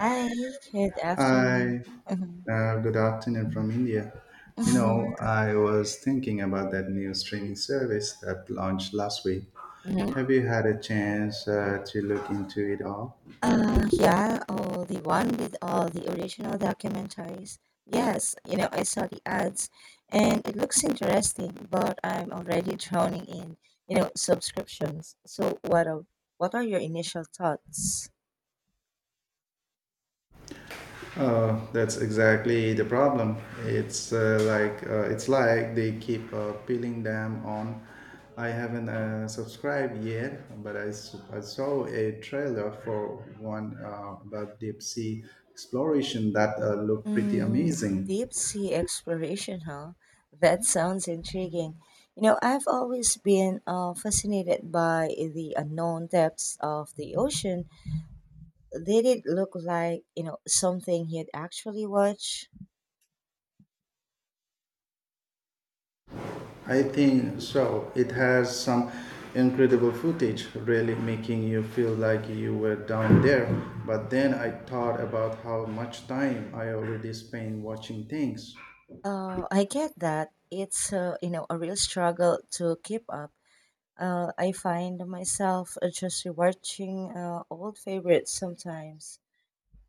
Hi, good afternoon. Hi, Mhm, good afternoon from India. You know, mhm, I was thinking about that new streaming service that launched last week. mhm. Have you had a chance to look into it all? Yeah, oh, the one with all the original documentaries. Yes, you know, I saw the ads and it looks interesting, but I'm already drowning in, you know, subscriptions. So what are your initial thoughts? Oh, that's exactly the problem. It's like it's like they keep peeling them on. I haven't subscribed yet, but I saw a trailer for one about deep sea exploration that looked pretty Mm, amazing. deep sea exploration, huh? That sounds intriguing. You know, I've always been fascinated by the unknown depths of the ocean. Did it look like, you know, something he'd actually watch? I think so. It has some incredible footage, really making you feel like you were down there. But then I thought about how much time I already spend watching things. I get that. You know, a real struggle to keep up. I find myself just rewatching old favorites sometimes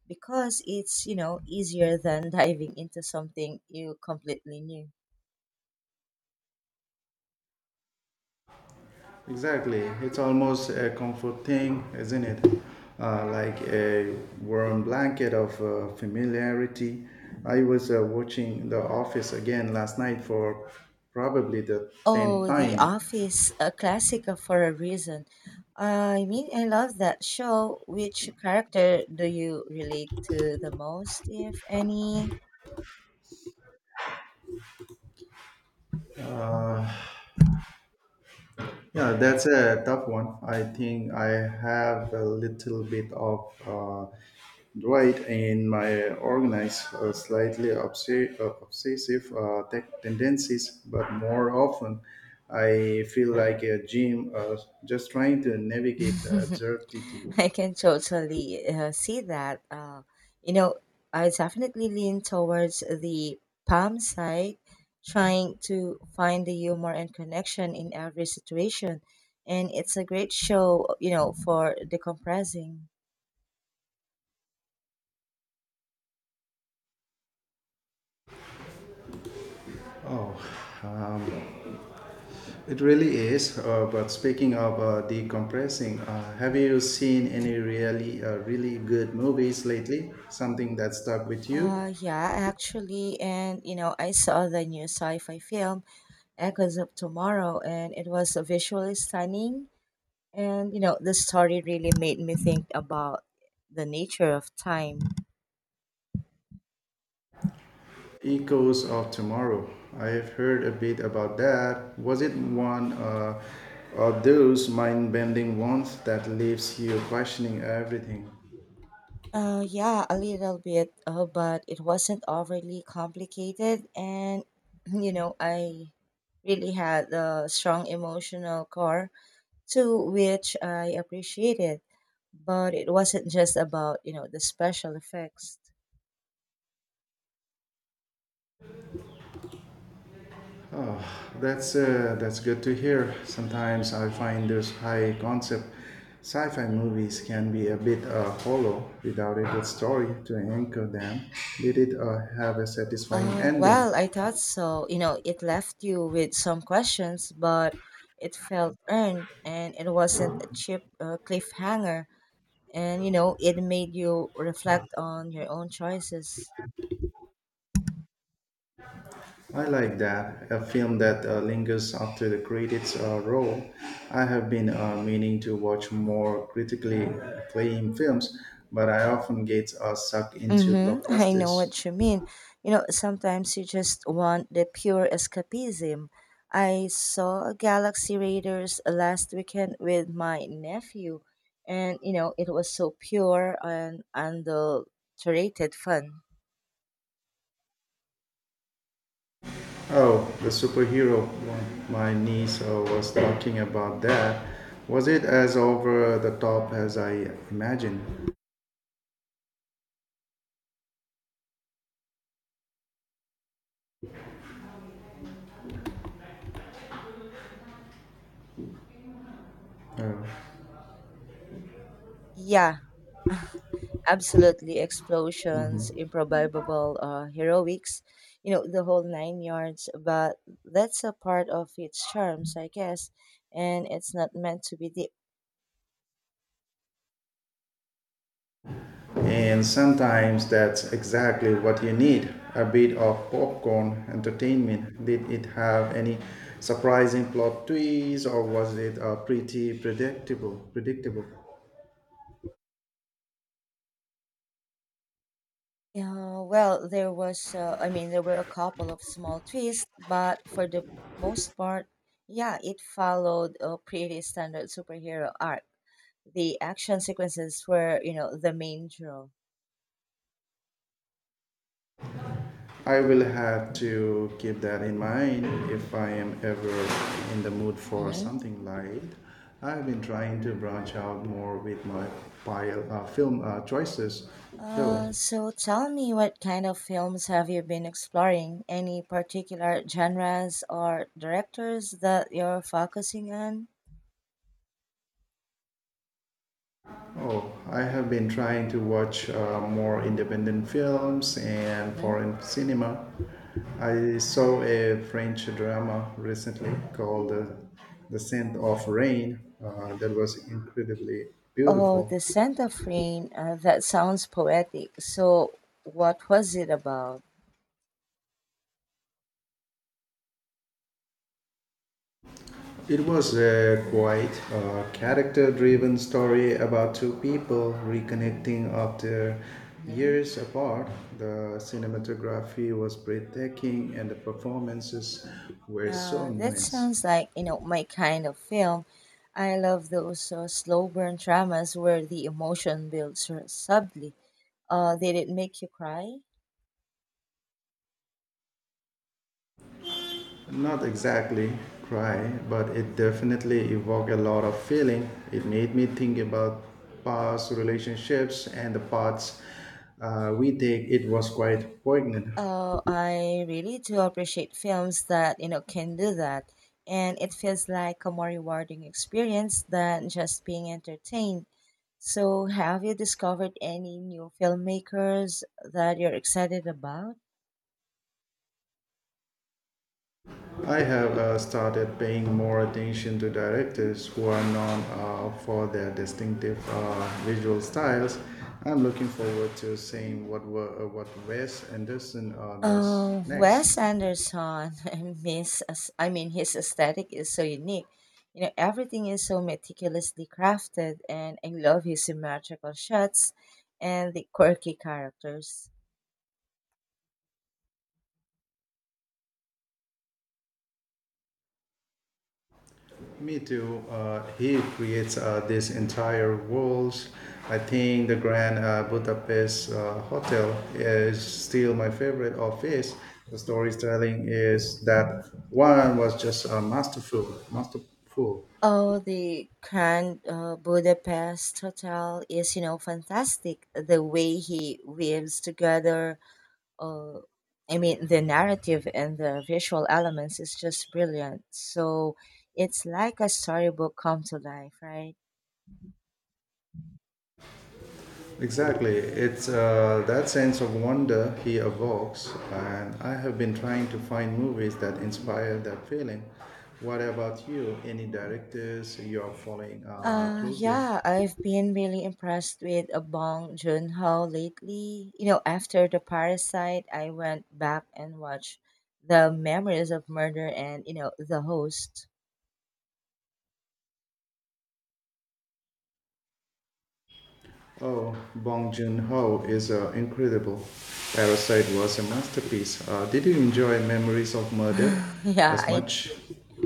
because it's, you know, easier than diving into something you completely new. Exactly. It's almost a comfort thing, isn't it? Like a warm blanket of familiarity. I was watching The Office again last night for probably the 10th Oh, The time. Office, a classic for a reason. I mean, I love that show. Which character do you relate to the most, if any? Yeah, that's a tough one. I think I have a little bit of Dwight in my organized, slightly obsessive tech tendencies, but more often I feel like a gym just trying to navigate the absurdity. I can totally see that. You know, I definitely lean towards the palm side, trying to find the humor and connection in every situation. And it's a great show, you know, for decompressing. It really is. But speaking of decompressing, have you seen any really good movies lately? Something that stuck with you? Yeah, actually, and you know, I saw the new sci-fi film Echoes of Tomorrow, and it was visually stunning. And you know, the story really made me think about the nature of time. Echoes of Tomorrow. I have heard a bit about that. Was it one of those mind-bending ones that leaves you questioning everything? Yeah, a little bit, but it wasn't overly complicated, and you know, I really had a strong emotional core to which I appreciated. But it wasn't just about you know the special effects. That's good to hear. Sometimes I find those high-concept sci-fi movies can be a bit hollow without a good story to anchor them. Did it have a satisfying ending? Well, I thought so. You know, it left you with some questions, but it felt earned and it wasn't a cheap cliffhanger. And, you know, it made you reflect on your own choices. I like that. A film that lingers after the credits roll. I have been meaning to watch more critically acclaimed films, but I often get sucked into Mm-hmm. I know blockbusters. what you mean. You know, sometimes you just want the pure escapism. I saw a Galaxy Raiders last weekend with my nephew, and, you know, it was so pure and adulterated fun. Oh, the superhero one. My niece was talking about that. Was it as over the top as I imagined? Uh, Yeah, absolutely. Explosions, improbable heroics, you know, the whole nine yards. But that's a part of its charms, I guess. And it's not meant to be deep. And sometimes that's exactly what you need a bit of popcorn entertainment. Did it have any surprising plot twists or was it pretty predictable? Predictable. Yeah, well, there was, I mean, there were a couple of small twists, but for the most part, yeah, it followed a pretty standard superhero arc. The action sequences were, you know, the main draw. I will have to keep that in mind if I am ever in the mood for Hmm. something light. I've been trying to branch out more with my film choices, though. So tell me, what kind of films have you been exploring? Any particular genres or directors that you're focusing on? Oh, I have been trying to watch more independent films and Hmm. foreign cinema. I saw a French drama recently called The Scent of Rain that was incredibly Oh, beautiful. The Scent of Rain, that sounds poetic. So what was it about? It was a quite character driven story about two people reconnecting after Mhm. years apart. The cinematography was breathtaking and the performances were so That nuanced. sounds like, you know, my kind of film. I love those slow burn dramas where the emotion builds sort subtly. Did it make you cry? Not exactly cry, but it definitely evoked a lot of feeling. It made me think about past relationships and the paths we take. It was quite poignant. I really do appreciate films that, you know, can do that. And it feels like a more rewarding experience than just being entertained. So, have you discovered any new filmmakers that you're excited about? I have started paying more attention to directors who are known for their distinctive visual styles. I'm looking forward to seeing what Wes Anderson does Oh, next. Wes Anderson. I mean, his aesthetic is so unique. You know, everything is so meticulously crafted, and I love his symmetrical shots and the quirky characters. Me too. He creates these entire worlds. I think the Grand Budapest Hotel is still my favorite of his. The storytelling is that one was just masterful. Oh, the Grand Budapest Hotel is, you know, fantastic. The way he weaves together, uh, I mean, the narrative and the visual elements is just brilliant. So it's like a storybook come to life, right? Exactly. It's That sense of wonder he evokes, and I have been trying to find movies that inspire that feeling. What about you? Any directors you are following closely? Yeah, I've been really impressed with Bong Joon-ho lately. You know, after The Parasite, I went back and watched The Memories of Murder and, you know, The Host. Oh, Bong Joon-ho is incredible. Parasite was a masterpiece. Did you enjoy Memories of Murder Yeah, as I, much?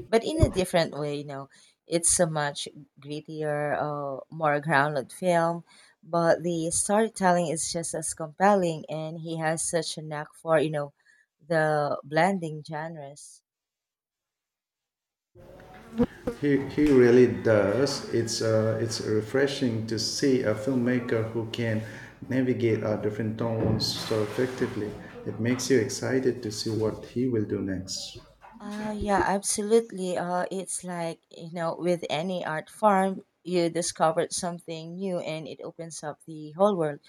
but in a different way, you know, it's a much grittier, more grounded film, but the storytelling is just as compelling, and he has such a knack for, you know, the blending genres. He really does. It's refreshing to see a filmmaker who can navigate different tones so effectively. It makes you excited to see what he will do next. Yeah, absolutely. It's like, you know, with any art form, you discovered something new and it opens up the whole world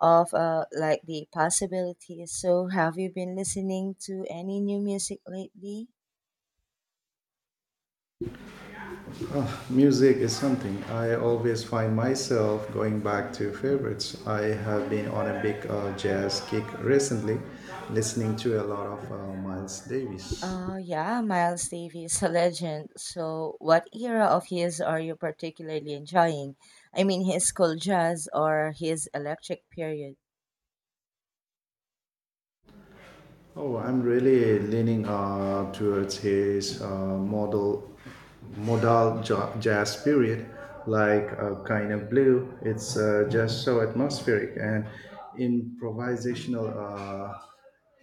of like the possibilities. So, have you been listening to any new music lately? Music is something I always find myself going back to favorites. I have been on a big jazz kick recently, listening to a lot of Miles Davis. Yeah, Miles Davis is a legend. So, what era of his are you particularly enjoying? I mean, his cool jazz or his electric period? Oh, I'm really leaning towards his modal jazz period, like kind of blue. It's just so atmospheric and improvisational.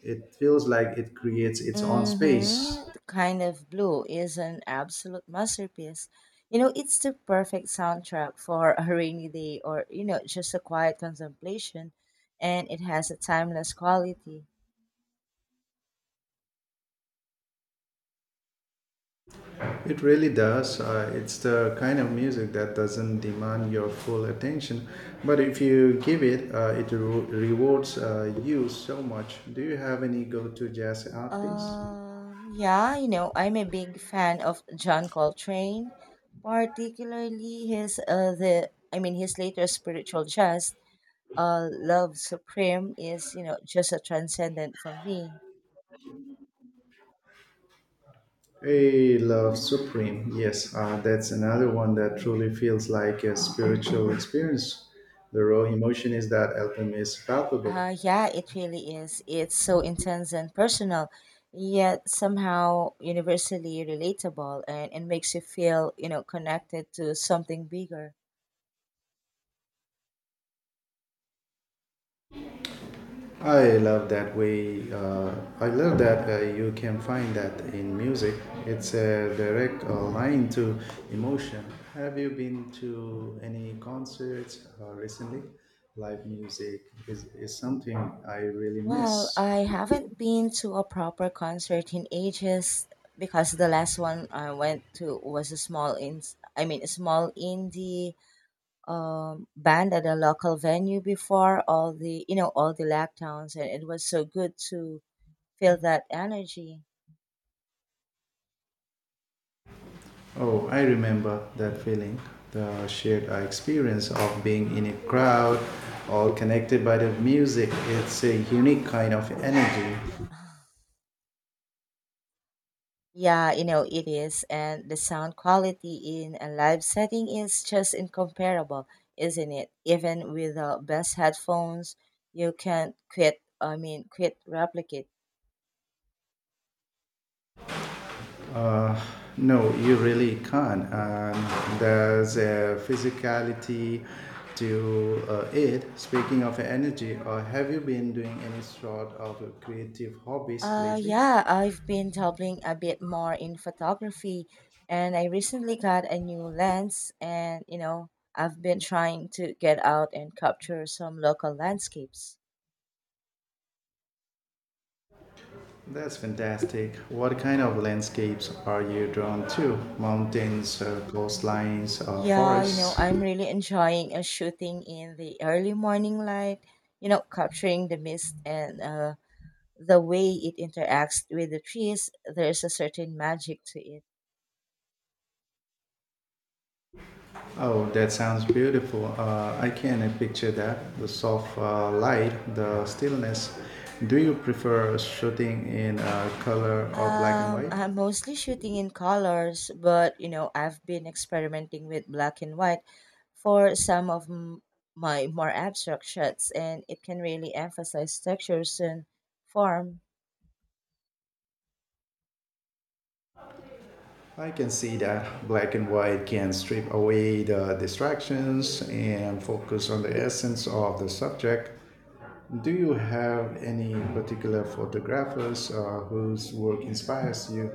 It feels like it creates its own space. Mm-hmm. The kind of blue is an absolute masterpiece. You know, it's the perfect soundtrack for a rainy day or, you know, just a quiet contemplation, and it has a timeless quality. It really does. It's the kind of music that doesn't demand your full attention, but if you give it, it rewards you so much. Do you have any go-to jazz artists? Yeah, you know, I'm a big fan of John Coltrane, particularly his the I mean his later spiritual jazz, Love Supreme is, you know, just a transcendent for me. I love Supreme. Yes, that's another one that truly feels like a spiritual experience. The raw emotion is that album is palpable. Yeah, it really is. It's so intense and personal, yet somehow universally relatable, and it makes you feel, you know, connected to something bigger. I love that way. I love that you can find that in music. It's a direct line to emotion. Have you been to any concerts recently? Live music is something I really Well, miss. I haven't been to a proper concert in ages because the last one I went to was a small in I mean a small indie band at a local venue before all the you know all the lockdowns and it was so good to feel that energy. Oh, I remember that feeling, the shared experience of being in a crowd all connected by the music. It's a unique kind of energy. Yeah, you know, it is. And the sound quality in a live setting is just incomparable, isn't it? Even with the best headphones, you can't quit, I mean, quit replicate. No, you really can't. And there's a physicality to it. Speaking of energy, or have you been doing any sort of creative hobbies lately? Yeah, I've been dabbling a bit more in photography, and I recently got a new lens, and you know, I've been trying to get out and capture some local landscapes. That's fantastic. What kind of landscapes are you drawn to? Mountains, Um, coastlines, or yeah, you know, forests? I'm really enjoying a shooting in the early morning light, you know, capturing the mist and the way it interacts with the trees. There's a certain magic to it. Oh, that sounds beautiful. I can picture that. The soft light, the stillness. Do you prefer shooting in color or black and white? I'm mostly shooting in colors, but you know, I've been experimenting with black and white for my more abstract shots, and it can really emphasize textures and form. I can see that black and white can strip away the distractions and focus on the essence of the subject. Do you have any particular photographers whose work inspires you?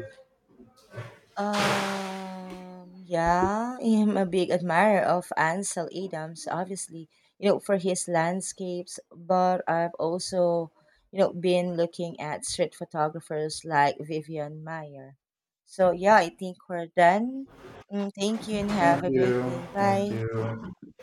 Yeah, I'm a big admirer of Ansel Adams, obviously, you know, for his landscapes, but I've also, you know, been looking at street photographers like Vivian Meyer. So, yeah, I think we're done. Mm, thank you and have Thank a great you. day. Thank Bye. you.